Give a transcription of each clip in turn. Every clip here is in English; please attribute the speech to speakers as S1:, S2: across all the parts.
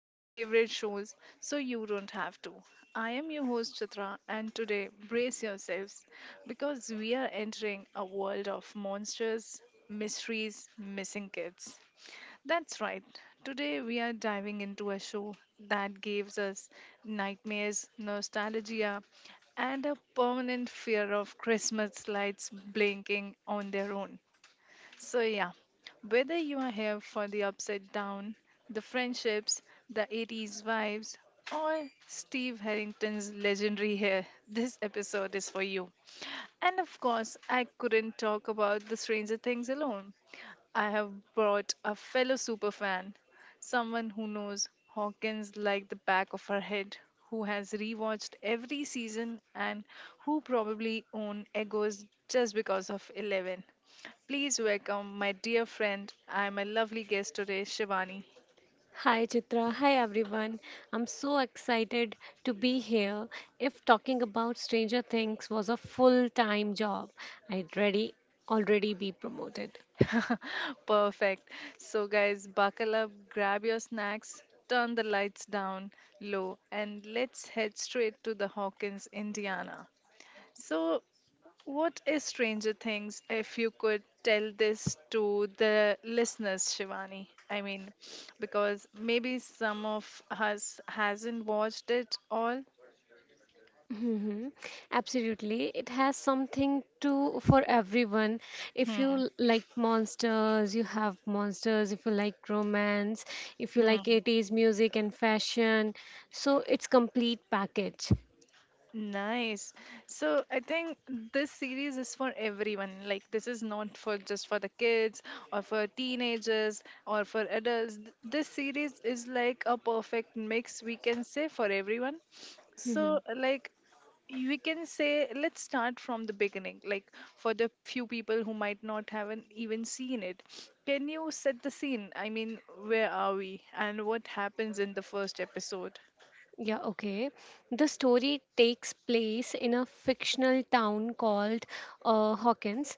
S1: our favorite shows so you don't have to. I am your host Chitra, and today brace yourselves because we are entering a world of monsters, mysteries, missing kids. That's right. Today we are diving into a show that gives us nightmares, nostalgia, and a permanent fear of Christmas lights blinking on their own. So, yeah, whether you are here for the upside down, the friendships, the 80s vibes, or Steve Harrington's legendary hair, this episode is for you. And of course, I couldn't talk about the Stranger Things alone. I have brought a fellow superfan, someone who knows Hawkins like the back of her head, who has rewatched every season and who probably own Egos just because of Eleven. Please welcome my dear friend and my lovely guest today, Shivani.
S2: Hi Chitra, hi everyone. I'm so excited to be here. If talking about Stranger Things was a full-time job, I'd ready already be promoted.
S1: Perfect. So, guys, buckle up, grab your snacks, turn the lights down low, and let's head straight to the Hawkins, Indiana. So, what is Stranger Things, if you could tell this to the listeners, Shivani? I mean, because maybe some of us hasn't watched it all.
S2: Mhm. Absolutely. It has something to for everyone. If you
S1: Hmm.
S2: like monsters, you have monsters. If you like romance, if you like 80s music and fashion, so it's complete package.
S1: Nice. So I think this series is for everyone. Like, this is not for just for the kids or for teenagers or for adults. This series is like a perfect mix, we can say, for everyone. So, like, we can say, let's start from the beginning, like, for the few people who might not haven't even seen it. Can you set the scene? I mean, where are we and what happens in the first episode?
S2: Yeah, okay. The story takes place in a fictional town called Hawkins,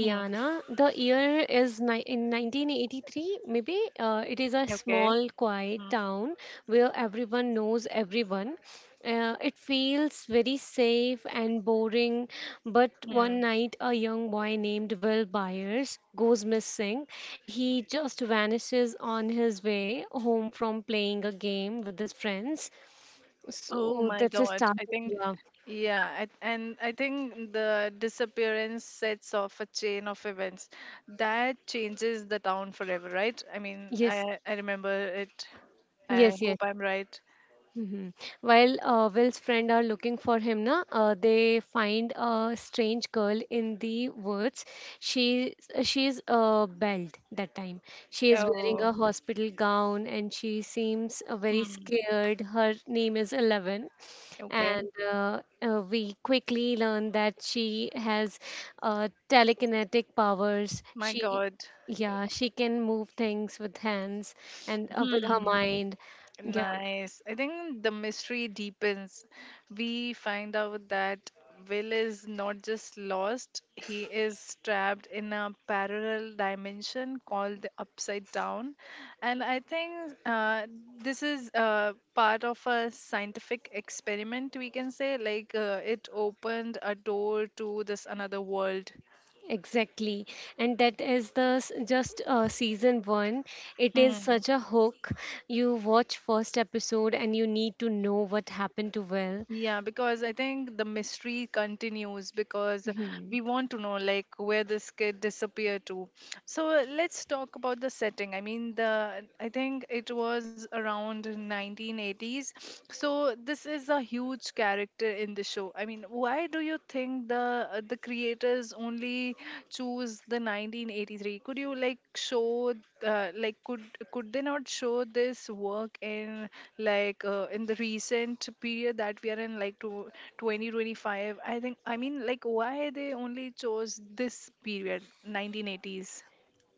S1: Hmm,
S2: The year is ni in 1983, maybe. It is a
S1: okay.
S2: small, quiet town where everyone knows everyone. It feels very safe and boring, but one night a young boy named Will Byers goes missing. He just vanishes on his way home from playing a game with his friends.
S1: Oh
S2: So
S1: my
S2: that's a
S1: God. I
S2: starting,
S1: think,
S2: yeah.
S1: yeah, and I think the disappearance sets off a chain of events that changes the town forever, right? I mean,
S2: Yes,
S1: I remember it. I
S2: yes, yes.
S1: hope I'm right.
S2: Mhm. While Will's friend are looking for him, they find a strange girl in the woods. She she's bald that time. She is wearing
S1: Oh,
S2: a hospital gown and she seems very
S1: hmm.
S2: scared. Her name is Eleven,
S1: Okay.
S2: and we quickly learn that she has telekinetic powers.
S1: My
S2: She
S1: God. Eh.
S2: yeah, she can move things with hands and with her
S1: Hmm.
S2: mind. Yeah.
S1: Nice. I think the mystery deepens. We find out that Will is not just lost, he is trapped in a parallel dimension called the Upside Down. And I think this is part of a scientific experiment, we can say. Like, it opened a door to this another world.
S2: Exactly. And that is the s- just season one. It is
S1: Hmm.
S2: such a hook. You watch first episode and you need to know what happened to Will.
S1: Yeah, because I think the mystery continues because
S2: Mhm.
S1: we want to know like where this kid disappeared to. So let's talk about the setting. I mean, the I think it was around 1980s. So this is a huge character in the show. I mean, why do you think the creators only choose the 1983? Could you like show like, could they not show this work in, like, in the recent period that we are in, like, to 2025, I think? I mean, like, why they only chose this period 1980s?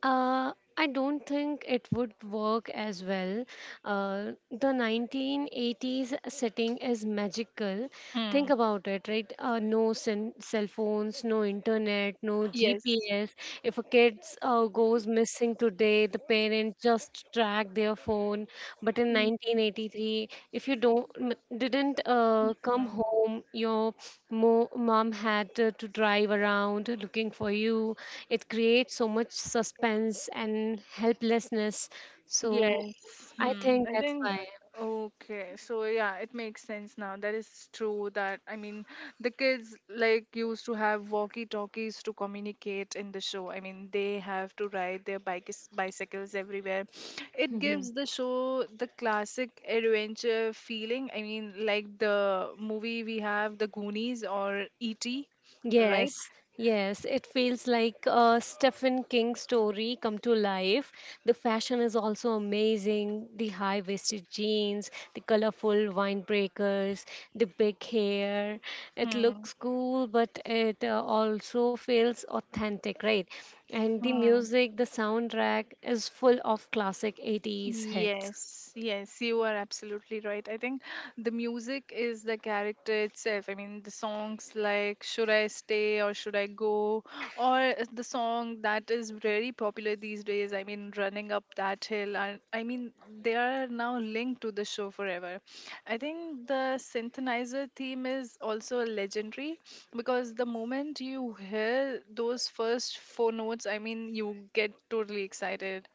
S2: Uh, I don't think it would work as well. The 1980s setting is magical.
S1: Mm.
S2: Think about it, right? No cell phones, no internet, no
S1: Yes.
S2: GPS. If a kid goes missing today, the parents just track their phone. But in 1983, if you don't m- didn't come home, your mom had to drive around looking for you. It creates so much suspense and helplessness. So
S1: Yes.
S2: I
S1: Hmm.
S2: think
S1: I
S2: that's
S1: think,
S2: why.
S1: okay. So, yeah, it makes sense now. That is true that, I mean, the kids like used to have walkie-talkies to communicate in the show. I mean, they have to ride their bikes bicycles everywhere. It
S2: Mm-hmm.
S1: gives the show the classic adventure feeling. I mean, like the movie we have The Goonies or E.T., right?
S2: Yes, yes, it feels like a Stephen King story come to life. The fashion is also amazing. The high-waisted jeans, the colorful wine breakers, the big hair. It
S1: Hmm.
S2: looks cool, but it also feels authentic, right? And the
S1: Hmm.
S2: music, the soundtrack is full of classic 80s hits.
S1: Yes, yes, you are absolutely right. I think the music is the character itself. I mean, the songs like Should I Stay or Should I Go, or the song that is very popular these days. I mean, Running Up That Hill. And, I mean, they are now linked to the show forever. I think the synthesizer theme is also legendary because the moment you hear those first four notes, I mean, you get totally excited.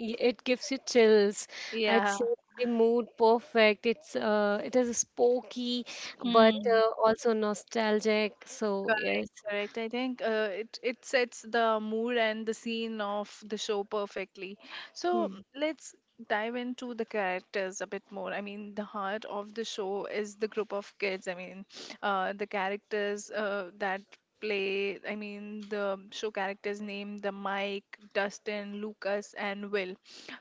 S2: It gives you chills. It
S1: Yeah.
S2: sets the mood perfect. It is spooky, but
S1: Hmm.
S2: also nostalgic. So yes.
S1: Correct, correct. I think, it sets the mood and the scene of the show perfectly. So
S2: Hmm.
S1: let's dive into the characters a bit more. I mean, the heart of the show is the group of kids. I mean, the characters that play. I mean, the show characters named the Mike, Dustin, Lucas, and Will.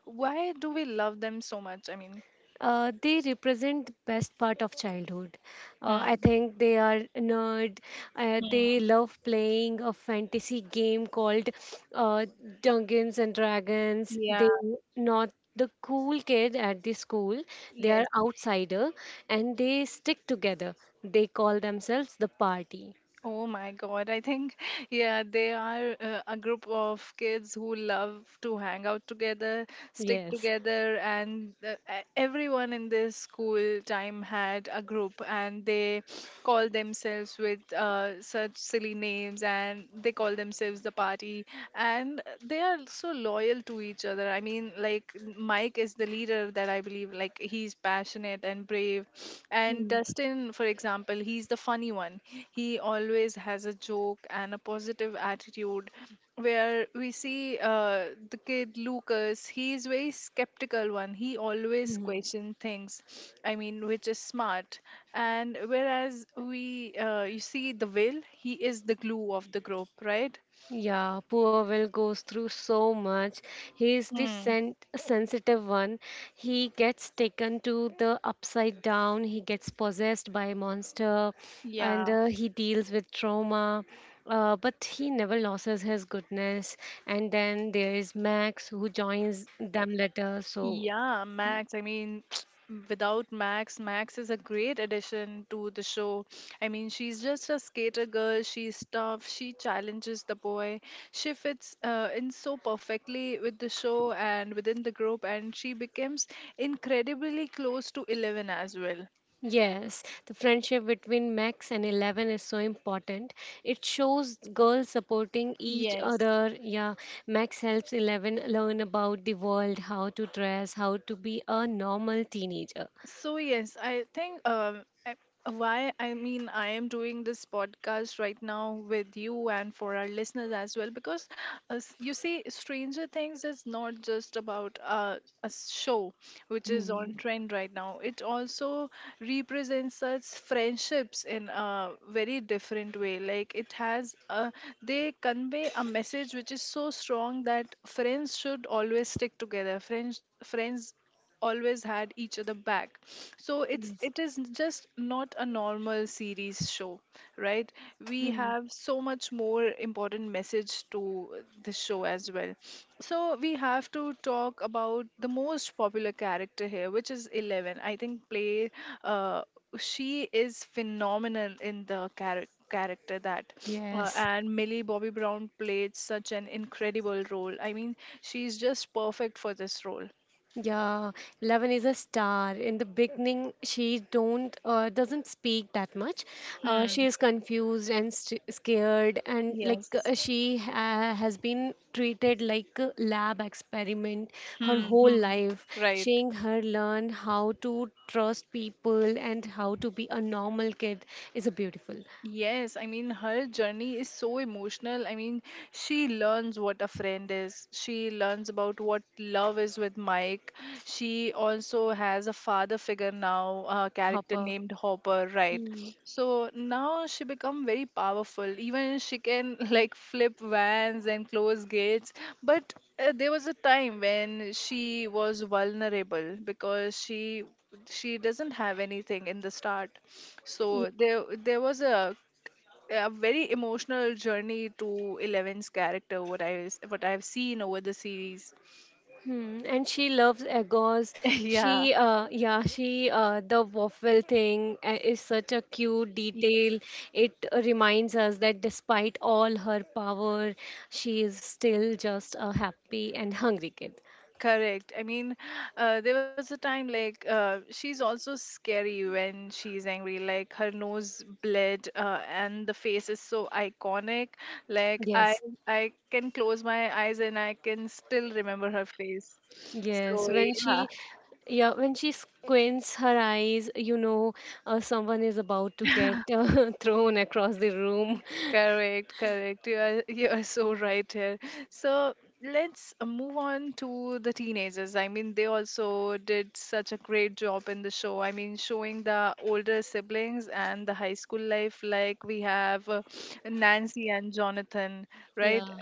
S1: Why do we love them so much? I mean,
S2: They represent the best part of childhood. I
S1: hmm,
S2: think they are nerd. They
S1: hmm.
S2: love playing a fantasy game called uh, Dungeons and Dragons.
S1: Yeah.
S2: They not the cool kid at the school. They are
S1: Yes.
S2: outsider and they stick together. They call themselves the party.
S1: Oh my God, I think, yeah, they are a group of kids who love to hang out together, stick
S2: Yes.
S1: together, and everyone in this school time had a group, and they call themselves with, such silly names, and they call themselves the party, and they are so loyal to each other. I mean, like, Mike is the leader, that I believe, like, he's passionate and brave. And
S2: Hmm.
S1: Dustin, for example, he's the funny one. He always has a joke and a positive attitude, where we see, the kid Lucas, he is very skeptical one. He always
S2: Hmm.
S1: question things, I mean, which is smart. And whereas we, you see the Will, he is the glue of the group, right?
S2: Yeah, poor Will goes through so much. He is the sensitive one. He gets taken to the upside down. He gets possessed by a monster, and
S1: Yeah,
S2: he deals with trauma. But he never loses his goodness. And then there is Max who joins them later. So
S1: yeah, Max. I mean, without Max is a great addition to the show. I mean, she's just a skater girl. She's tough. She challenges the boy. She fits in so perfectly with the show and within the group, and she becomes incredibly close to Eleven as well.
S2: yes, the friendship between Max and Eleven is so important. It shows girls supporting each
S1: Yes.
S2: other. Yeah, Max helps Eleven learn about the world, how to dress, how to be a normal teenager.
S1: So, yes, I think, why, I mean, I am doing this podcast right now with you and for our listeners as well because, you see Stranger Things is not just about, a show which is on
S2: Hmm.
S1: trend right now. It also represents us friendships in a very different way. Like, it has, they convey a message which is so strong that friends should always stick together. Friends always had each other back, so it's
S2: Yes.
S1: it is just not a normal series show, right? We
S2: Hmm.
S1: have so much more important message to the show as well. So we have to talk about the most popular character here, which is Eleven, I think play, uh, she is phenomenal in the character that
S2: Yes.
S1: and Millie Bobby Brown played such an incredible role. I mean, she's just perfect for this role.
S2: Yeah, Eleven is a star. In the beginning, she don't doesn't speak that much. She
S1: Hmm.
S2: is confused and st scared, and like
S1: Yes.
S2: she ha has been treated like a lab experiment her
S1: Hmm.
S2: whole
S1: Hmm.
S2: life,
S1: Right.
S2: seeing her learn how to trust people and how to be a normal kid is a beautiful
S1: Yes, I mean, her journey is so emotional. I mean, she learns what a friend is. She learns about what love is with Mike. She also has a father figure now, a character
S2: Hopper.
S1: named Hopper, right?
S2: Hmm.
S1: So now she become very powerful. Even she can like flip vans and close gates. But, there was a time when she was vulnerable because she doesn't have anything in the start. So there was a very emotional journey to Eleven's character. What I've seen over the series.
S2: Hmm, and she loves egos.
S1: Yeah.
S2: The waffle thing is such a cute
S1: y-
S2: detail. It reminds us that despite all her power, she is still just a happy and hungry kid.
S1: Correct. I mean, there was a time like, she's also scary when she's angry. Like, her nose bled, and the face is so iconic. Like, I,
S2: Yes,
S1: I can close my eyes and I can still remember her face.
S2: yes.
S1: So, yeah.
S2: Yeah, when she squints her eyes, you know, someone is about to get thrown across the room.
S1: Correct, correct. You are you are so right here. So let's move on to the teenagers. I mean, they also did such a great job in the show. I mean, showing the older siblings and the high school life, like we have, Nancy and Jonathan, right?
S2: Yeah.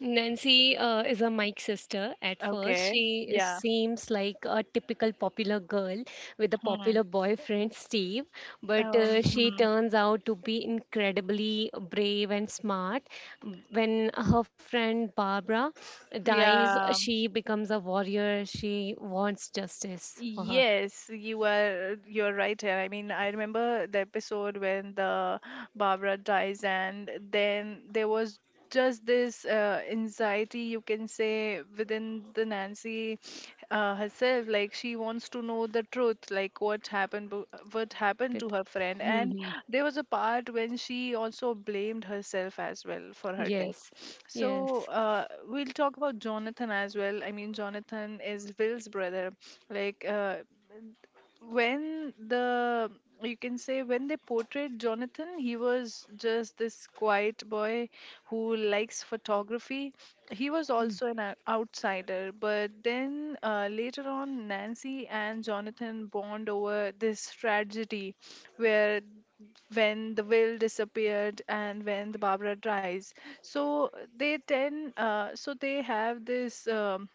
S2: Nancy is a Mike sister. At first,
S1: Okay.
S2: she
S1: Yeah.
S2: seems like a typical popular girl with a
S1: Hmm.
S2: popular boyfriend, Steve, but she
S1: Hmm.
S2: turns out to be incredibly brave and smart. When her friend Barbara dies,
S1: Yeah.
S2: she becomes a warrior. She wants justice for her.
S1: Yes, you're right here. I mean, I remember the episode when the Barbara dies, and then there was just this, anxiety, you can say, within the Nancy herself. Like, she wants to know the truth, like what happened, what happened to
S2: With-
S1: her friend, and there was a part when she also blamed herself as well for her death.
S2: yes,
S1: So,
S2: yes,
S1: we'll talk about Jonathan as well. I mean, Jonathan is Will's brother. Like, when the you can say when they portrayed Jonathan, he was just this quiet boy who likes photography. He was
S2: hmm,
S1: also an outsider. But then, later on, Nancy and Jonathan bond over this tragedy, where when the Will disappeared and when the Barbara dies. So they tend uh, so they have this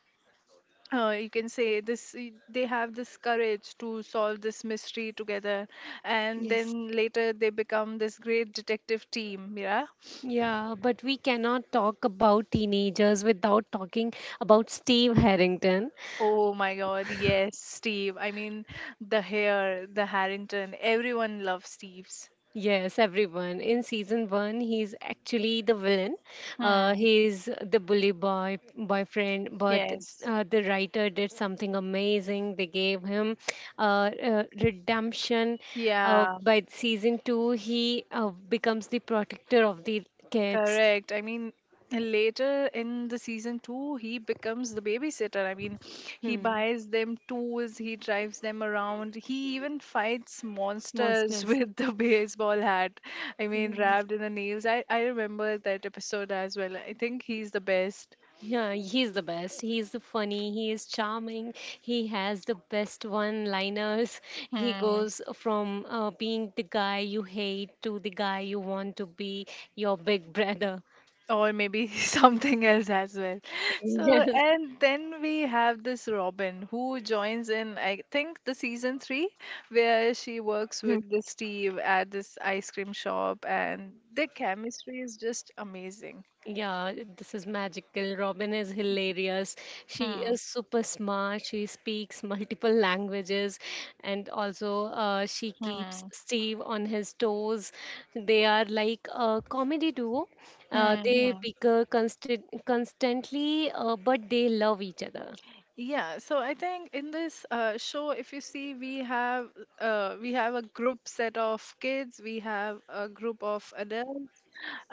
S1: you can say this y- they have this courage to solve this mystery together. And
S2: yes.
S1: then later they become this great detective team, yeah.
S2: Yeah, but we cannot talk about teenagers without talking about Steve Harrington.
S1: Oh my God, yes, Steve. I mean, the hair, the Harrington, everyone loves Steve's.
S2: Yes, everyone. In season one, he's actually the villain.
S1: Hmm.
S2: He's the bully boyfriend, but
S1: Yes.
S2: the writer did something amazing. They gave him redemption.
S1: Yeah.
S2: By season two, he becomes the protector of the kids.
S1: Correct. I mean, later in the season 2, he becomes the babysitter. I mean, he
S2: Hmm.
S1: buys them tools, he drives them around, he even fights monsters
S2: Monsters.
S1: with the baseball hat. I mean,
S2: Yes.
S1: wrapped in the nails. I remember that episode as well. I think he's the best.
S2: Yeah, he's the best. He's the funny. He is charming. He has the best one-liners. He
S1: Hmm.
S2: goes from being the guy you hate to the guy you want to be, your big brother.
S1: Or maybe something else as well. So, and then we have this Robin, who joins in, I think, the season 3, where she works
S2: Yes.
S1: with the Steve at this ice cream shop, and their chemistry is just amazing.
S2: Yeah, this is magical. Robin is hilarious. She
S1: Hmm,
S2: is super smart. She speaks multiple languages and also she keeps
S1: hmm,
S2: Steve on his toes. They are like a comedy duo.
S1: hmm,
S2: They
S1: hmm.
S2: bicker constantly, but they love each other.
S1: Yeah, so I think in this, show, if you see, we have a group set of kids, we have a group of adults.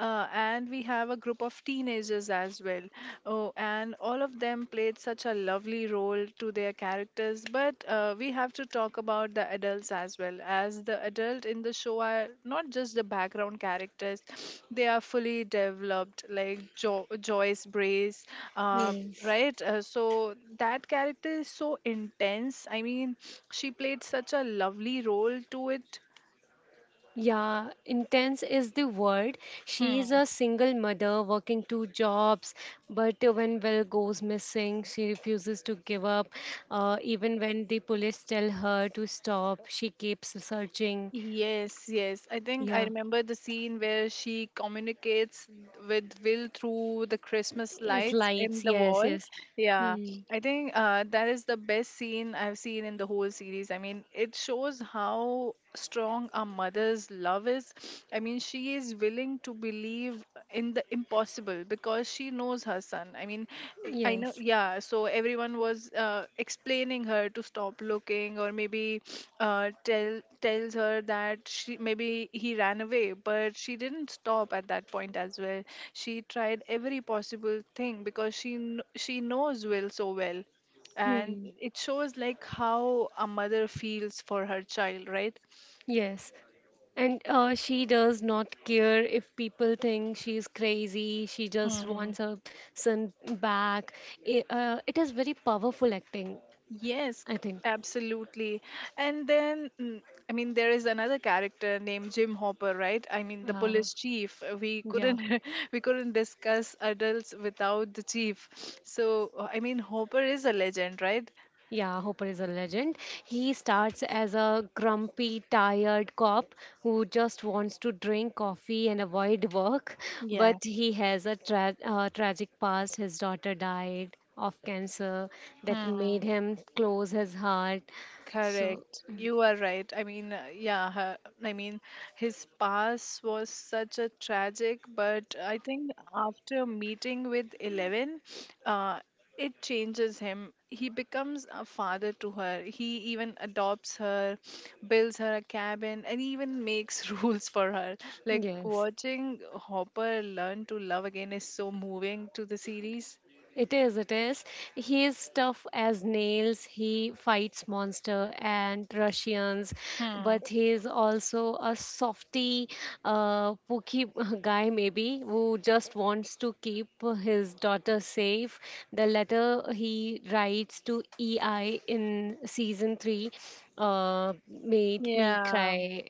S1: And we have a group of teenagers as well. Oh, and all of them played such a lovely role to their characters. But we have to talk about the adults as well, as the adult in the show are not just the background characters; they are fully developed, like Joyce Brace, uh,
S2: Yes.
S1: right? So that character is so intense. I mean, she played such a lovely role to it.
S2: Yeah, intense is the word. She is
S1: Hmm.
S2: a single mother working two jobs, but when Will goes missing, she refuses to give up. Even when the police tell her to stop, she keeps searching.
S1: Yes, yes. I think I
S2: Yeah,
S1: remember the scene where she communicates with Will through the Christmas
S2: it's
S1: lights in
S2: lights.
S1: the
S2: Yes,
S1: wall.
S2: yes.
S1: Yeah,
S2: Hmm.
S1: I think that is the best scene I've seen in the whole series. I mean, it shows how strong a mother's love is. I mean, she is willing to believe in the impossible because she knows her son. I mean, I know,
S2: Yes.
S1: yeah. So everyone was explaining her to stop looking, or maybe tells her that she maybe he ran away, but she didn't stop at that point as well. She tried every possible thing because she she knows Will so well, and
S2: Hmm.
S1: it shows like how a mother feels for her child, right?
S2: Yes. And she does not care if people think she is crazy. She just wants her son back. It is very powerful acting.
S1: Yes,
S2: I think.
S1: absolutely. And then, I mean, there is another character named Jim Hopper, right? I mean, the
S2: Uh,
S1: police chief. We
S2: yeah.
S1: couldn't we couldn't discuss adults without the chief. So, I mean, Hopper is a legend, right?
S2: Yeah, Hopper is a legend. He starts as a grumpy, tired cop who just wants to drink coffee and avoid work,
S1: Yeah.
S2: but he has a tragic past. His daughter died of cancer that
S1: Hmm.
S2: made him close his heart. So,
S1: Correct. You are right. I mean, yeah, I mean, his past was such a tragic, but I think after meeting with Eleven, uh, it changes him. He becomes a father to her. He even adopts her, builds her a cabin, and even makes rules for her. Like
S2: yes.
S1: watching Hopper learn to love again is so moving to the series.
S2: It is, it is. He is tough as nails. He fights monster and Russians,
S1: Hmm.
S2: but he is also a softy, pooky guy maybe who just wants to keep his daughter safe. The letter he writes to EI in season three, made me
S1: Yeah.
S2: cry.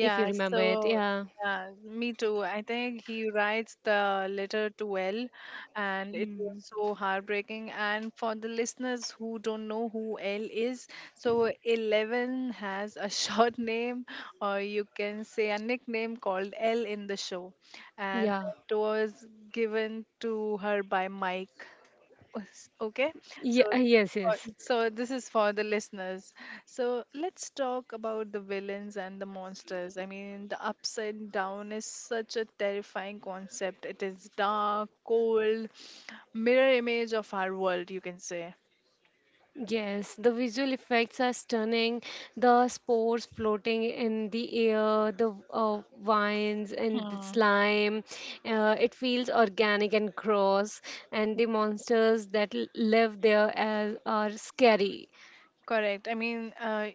S2: If you remember it,
S1: so
S2: yeah,
S1: yeah, me too. I think he writes the letter to well, and it was
S2: hmm,
S1: so heartbreaking. And for the listeners who don't know who L is, so Eleven has a short name, or you can say a nickname called L in the show, and
S2: yeah,
S1: it was given to her by Mike Okay, so
S2: yeah, yes,
S1: uh,
S2: yes.
S1: so this is for the listeners. So let's talk about the villains and the monsters. I mean, the upside down is such a terrifying concept. It is dark, cold, mirror image of our world, you can say.
S2: Yes, the visual effects are stunning. The spores floating in the air, the vines and the
S1: Hmm.
S2: slime. It feels organic and gross. And the monsters that live there are scary.
S1: Correct. I mean,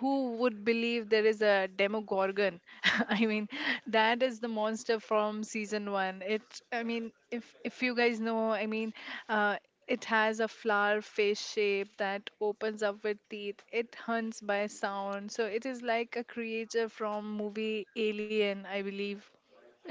S1: who would believe there is a Demogorgon? I mean, that is the monster from season 1. It. I mean, if you guys know, I mean, uh, it has a flower face shape that opens up with teeth. It hunts by sound, so it is like a creature from movie Alien, I believe.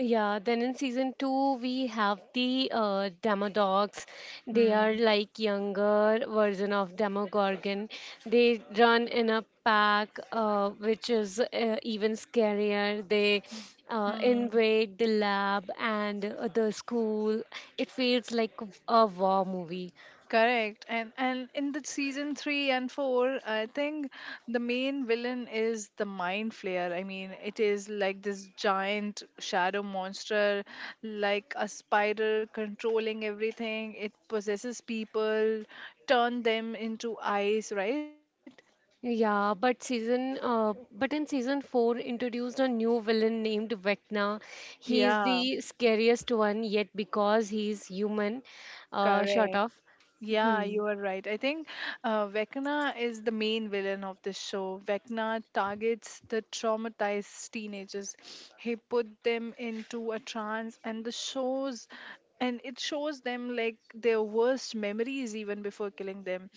S2: Yeah, then in season two, we have the Demodogs. They are
S1: Hmm.
S2: like younger version of Demogorgon. They run in a pack, which is even scarier. They
S1: Hmm.
S2: invade the lab and the school. It feels like a war movie.
S1: Correct. And in the season 3 and 4, I think the main villain is the mind flayer. I mean, it is like this giant shadow monster like a spider controlling everything. It possesses people, turn them into ice, right?
S2: But in season 4 introduced a new villain named Vecna. He is
S1: Yeah,
S2: the scariest one yet because he's human, short
S1: correct.
S2: of.
S1: Yeah,
S2: Hmm.
S1: you are right. I think Vecna is the main villain of this show. Vecna targets the traumatized teenagers. He put them into a trance, and the shows, and it shows them like their worst memories even before killing them.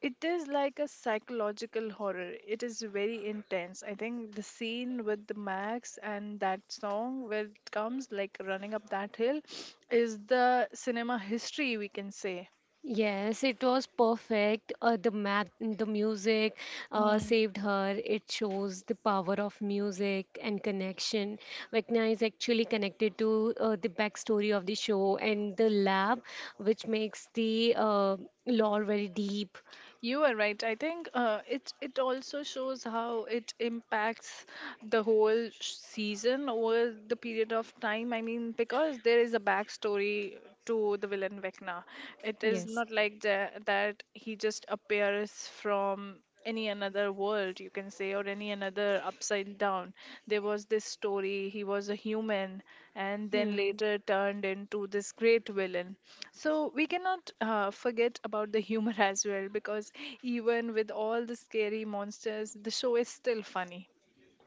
S1: It is like a psychological horror. It is very intense. I think the scene with the Max and that song where it comes like running up that hill is the cinema history we can say.
S2: Yes, it was perfect. The math, the music,
S1: Hmm.
S2: saved her. It shows the power of music and connection. Vecna is actually connected to the backstory of the show and the lab, which makes the lore very deep.
S1: You are right. I think it also shows how it impacts the whole season over the period of time. I mean, because there is a backstory to the villain Vecna. It is
S2: Yes.
S1: not like that he just appears from any another world, you can say, or any another upside down. There was this story: he was a human and then
S2: Hmm.
S1: later turned into this great villain. So we cannot forget about the humor as well, because even with all the scary monsters, the show is still funny.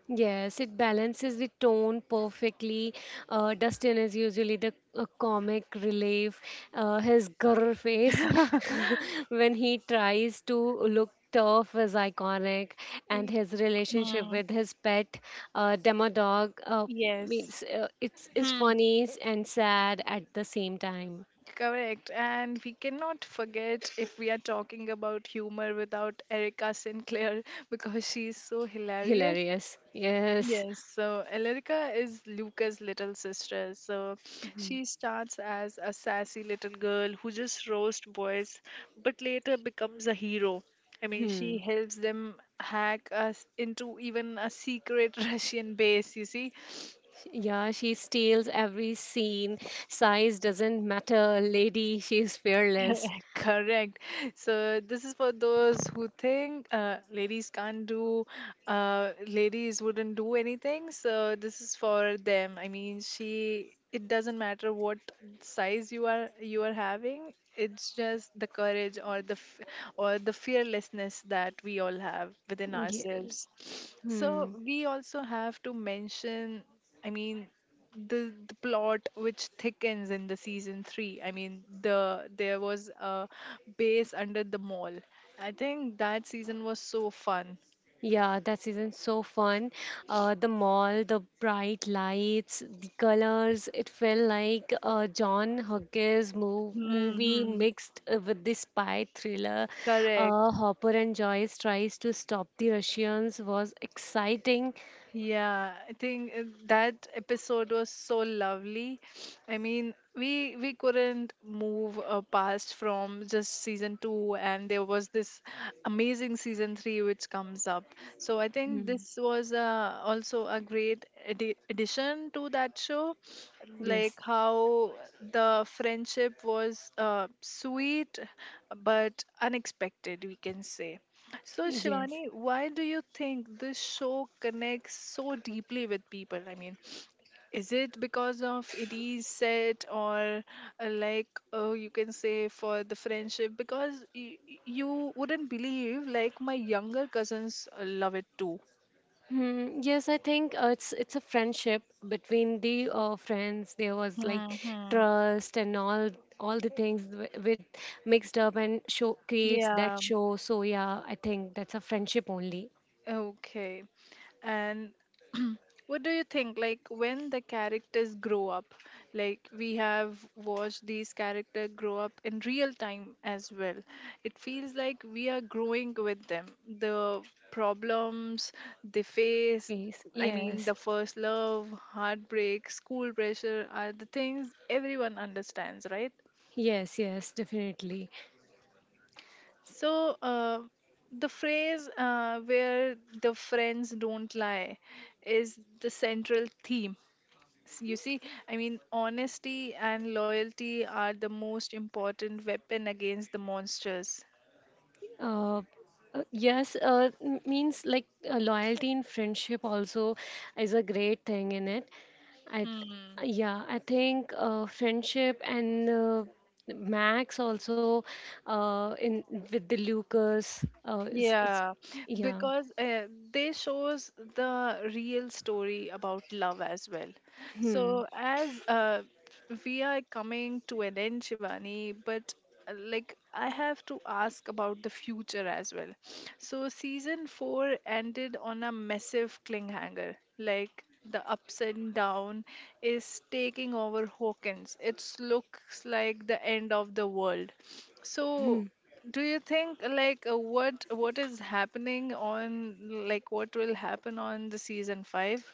S2: Yes, it balances the tone perfectly. Dustin is usually the comic relief. His grr face when he tries to look tough is iconic, and
S1: Y-
S2: his relationship
S1: Hmm.
S2: with his pet, Demodog,
S1: Yes.
S2: means it's is
S1: Hmm.
S2: funny and sad at the same time.
S1: Correct. And we cannot forget if we are talking about humor without Erica Sinclair, because she is so hilarious.
S2: Hilarious. Yes.
S1: Yes, so Elrica is Luca's little sister. So
S2: Mhm.
S1: she starts as a sassy little girl who just roasts boys, but later becomes a hero. I mean,
S2: Hmm.
S1: she helps them hack us into even a secret Russian base, you see.
S2: Yeah, she steals every scene. Size doesn't matter. Lady, she's fearless.
S1: Correct. So this is for those who think ladies can't do, ladies wouldn't do anything. So this is for them. I mean, she. It doesn't matter what size you are having. It's just the courage or the or the fearlessness that we all have within
S2: Yeah.
S1: ourselves.
S2: Hmm.
S1: So we also have to mention. I mean, the plot which thickens in the season 3. I mean, there was a base under the mall. I think that season was so fun.
S2: Yeah, that season so fun. The mall, the bright lights, the colors. It felt like a John Hughes movie
S1: Hmm,
S2: mixed with the spy thriller.
S1: correct.
S2: Hopper and Joyce tries to stop the Russians was exciting.
S1: Yeah, I think that episode was so lovely. I mean, we couldn't move past from just season 2, and there was this amazing season 3 which comes up. So I think
S2: Hmm.
S1: this was also a great addition to that show.
S2: Yes.
S1: Like how the friendship was sweet but unexpected, we can say. So,
S2: Yes.
S1: Shivani, why do you think this show connects so deeply with people? I mean, is it because of it is set, or like you can say for the friendship? Because you wouldn't believe, like my younger cousins love it too.
S2: Hmm, yes, I think it's a friendship between the friends. There was like
S1: Hmm.
S2: trust and all the things with mixed up and show creates that
S1: Yeah.
S2: show. So yeah, I think that's a friendship only.
S1: Okay. And what do you think? Like when the characters grow up, like we have watched these characters grow up in real time as well. It feels like we are growing with them. The problems they face,
S2: Yes,
S1: I mean,
S2: yes,
S1: the first love, heartbreak, school pressure are the things everyone understands, right?
S2: yes, yes, definitely.
S1: So, the phrase where the friends don't lie is the central theme. You see, I mean, honesty and loyalty are the most important weapon against the monsters.
S2: Uh, Means like loyalty in friendship also is a great thing in it. I,
S1: Hmm.
S2: yeah, I think friendship and Max also in with the Lucas. It's
S1: Yeah,
S2: yeah.
S1: because they shows the real story about love as well.
S2: Hmm.
S1: So as we are coming to an end, Shivani, but like I have to ask about the future as well. So season 4 ended on a massive cliffhanger, like the ups and down is taking over Hawkins. It looks like the end of the world.
S2: Hmm.
S1: So do you think like what is happening on, like what will happen on the season 5?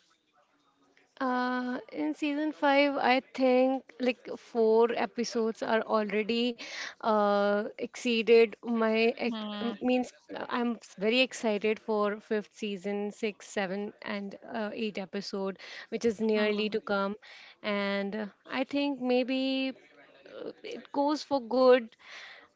S2: In season five, I think like four episodes are already exceeded my ex- m-
S1: Hmm,
S2: means. I'm very excited for fifth season, six, seven, and eight episode, which is nearly
S1: hmm,
S2: to come. And I think maybe it goes for good.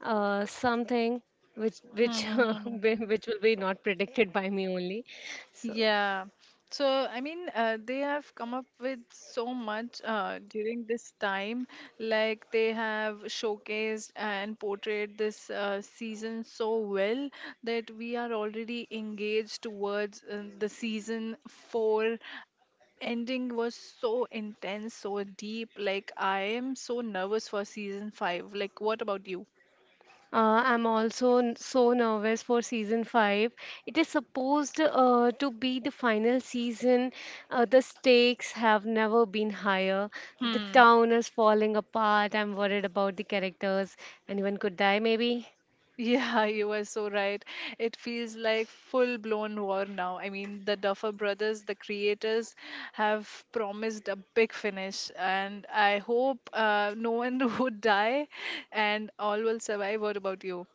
S2: Something which
S1: hmm, hmm.
S2: which will be not predicted by me only. So.
S1: Yeah. So, I mean, they have come up with so much during this time. Like, they have showcased and portrayed this season so well that we are already engaged towards the season 4 ending was so intense, so deep. Like, I am so nervous for season 5. Like, what about you?
S2: I'm also so nervous for season 5. It is supposed to be the final season. The stakes have never been higher. The town is falling apart. I'm worried about the characters. Anyone could die, maybe.
S1: Yeah, you are so right. It feels like full blown war now. I mean, the Duffer brothers, the creators, have promised a big finish, and I hope no one would die and all will survive. What about you?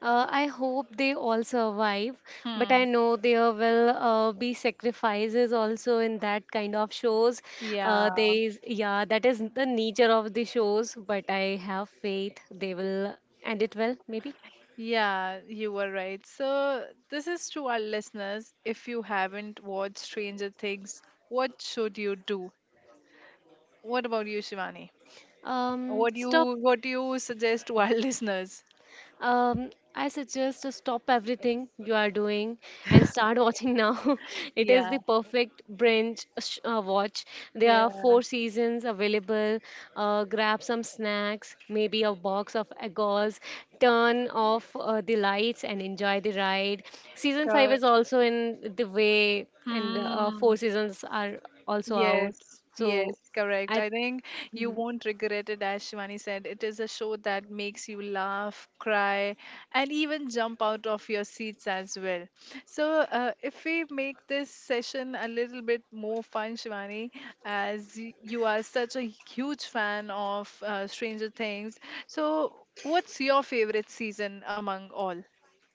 S2: I hope they all survive, but I
S1: Hmm.
S2: know there will be sacrifices also in that kind of shows.
S1: Yeah,
S2: There is, yeah, that is the nature of the shows, but I have faith they will end it well, maybe.
S1: yeah, you are right. So, this is to our listeners. If you haven't watched Stranger Things, what should you do? What about you, Shivani? What do
S2: Stop
S1: you what do you suggest to our listeners?
S2: Um, I suggest to stop everything you are doing and start watching now. it is
S1: Yeah.
S2: the perfect binge watch. There are
S1: Yeah,
S2: four seasons available. Grab some snacks, maybe a box of egos. Turn off the lights and enjoy the ride. Season five
S1: cor
S2: is also in the way, and four
S1: Mm,
S2: seasons are also out.
S1: yes, yes,
S2: So
S1: correct.
S2: I
S1: I think you won't regret it, as Shivani said. It is a show that makes you laugh, cry, and even jump out of your seats as well. So, if we make this session a little bit more fun, Shivani, as you are such a huge fan of Stranger Things, so what's your favorite season among all?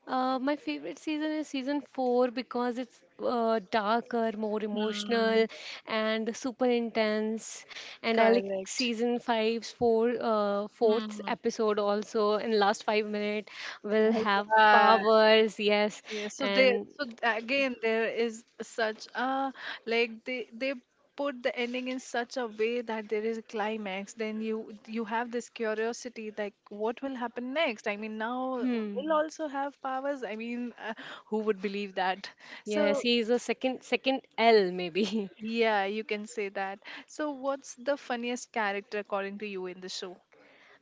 S2: My favorite season is season four because it's darker, more
S1: Hmm,
S2: emotional, and super intense. And I like
S1: correct.
S2: season five's fourth
S1: Hmm.
S2: episode also. In last 5 minute, will
S1: Oh,
S2: have
S1: yeah,
S2: powers. Yes,
S1: yeah. So they,
S2: and
S1: so again, there is such a like they put the ending in such a way that there is a climax. Then you have this curiosity, like what will happen next? I mean, now
S2: hmm,
S1: will also have powers. I mean, who would believe that?
S2: yes,
S1: So
S2: he's a second L maybe.
S1: yeah, you can say that. So what's the funniest character according to you in the show?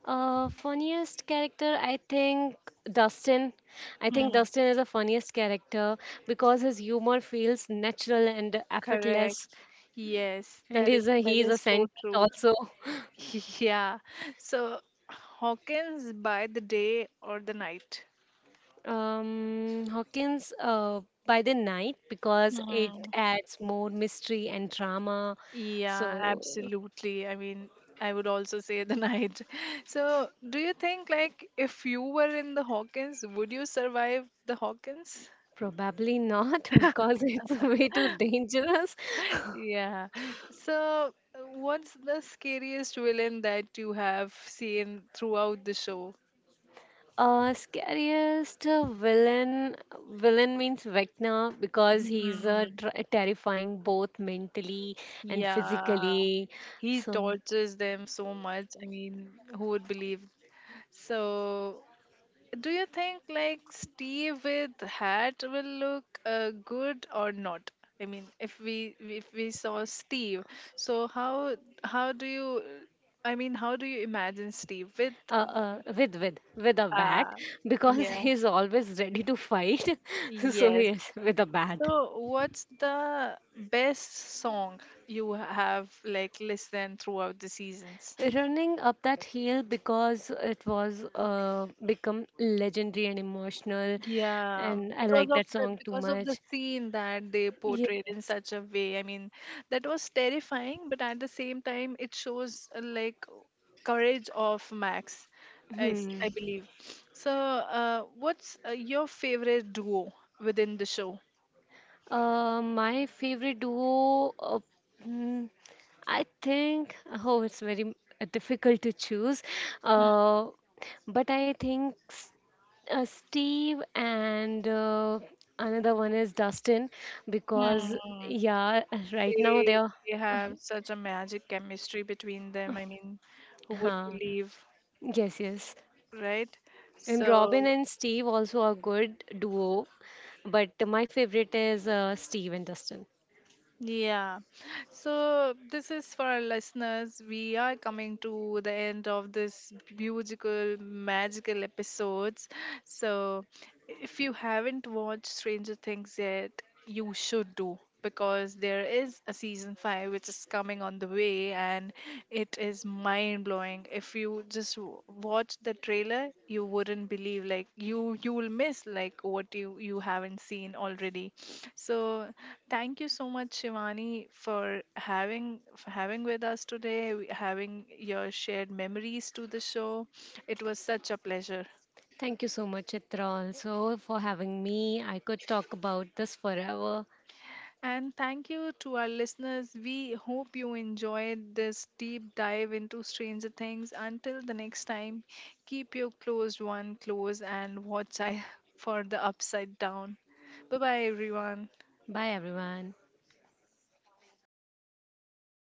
S2: Funniest character, I think Dustin. I think
S1: Hmm.
S2: Dustin is the funniest character because his humor feels natural and
S1: Correct.
S2: effortless,
S1: Yes,
S2: and
S1: that is that
S2: he's a
S1: is so
S2: scientist
S1: true.
S2: also.
S1: Yeah. So Hawkins by the day or the night?
S2: Hawkins by the night because it
S1: Mm.
S2: adds more mystery and drama.
S1: Yeah,
S2: So
S1: absolutely. I mean, I would also say the night. So, do you think like if you were in the Hawkins, would you survive the Hawkins?
S2: probably not because it's way too dangerous.
S1: Yeah. So, what's the scariest villain that you have seen throughout the show?
S2: Scariest villain. Villain means Vecna because he's
S1: Hmm.
S2: tr terrifying both mentally and
S1: Yeah,
S2: physically.
S1: he
S2: So,
S1: tortures them so much. I mean, who would believe. So, do you think like Steve with hat will look good or not? I mean, if we saw Steve, so how do you? I mean, how do you imagine Steve with?
S2: with a bat
S1: Uh,
S2: because
S1: yeah.
S2: he's always ready to fight. So
S1: Yes.
S2: yes, with a bat.
S1: So, what's the best song you have like listened throughout the seasons?
S2: Running up that hill because it was become legendary and emotional,
S1: Yeah,
S2: and I like that song too
S1: because of the
S2: much.
S1: scene that they
S2: Yeah.
S1: portrayed in such a way. I mean, that was terrifying, but at the same time, it shows like courage of Max, I, I
S2: Hmm.
S1: believe. So, what's your favorite duo within the show?
S2: My favorite duo, hmm, I think, oh, it's very difficult to choose. Uh, but I think Steve and another one is Dustin because,
S1: Hmm.
S2: yeah, right now
S1: They
S2: they are.
S1: they
S2: Uh,
S1: have such a magic chemistry between them. I mean, who would
S2: huh.
S1: believe,
S2: Yes, yes.
S1: right?
S2: And Robin
S1: So
S2: and Steve also are good duo, but my favorite is Steve and Dustin.
S1: yeah. So this is for our listeners. We are coming to the end of this beautiful, magical episodes. So if you haven't watched Stranger Things yet, you should do, because there is a season 5 which is coming on the way, and it is mind blowing. If you just watch the trailer, you wouldn't believe, like you will miss like what you haven't seen already. So thank you so much, Shivani, for having with us today, having your shared memories to the show. It was such a pleasure.
S2: Thank you so much, Chitra, also for having me. I could talk about this forever.
S1: And thank you to our listeners. We hope you enjoyed this deep dive into Stranger Things. Until the next time, keep your closed one close and watch I for the upside down. Bye bye, everyone.
S2: Bye, everyone.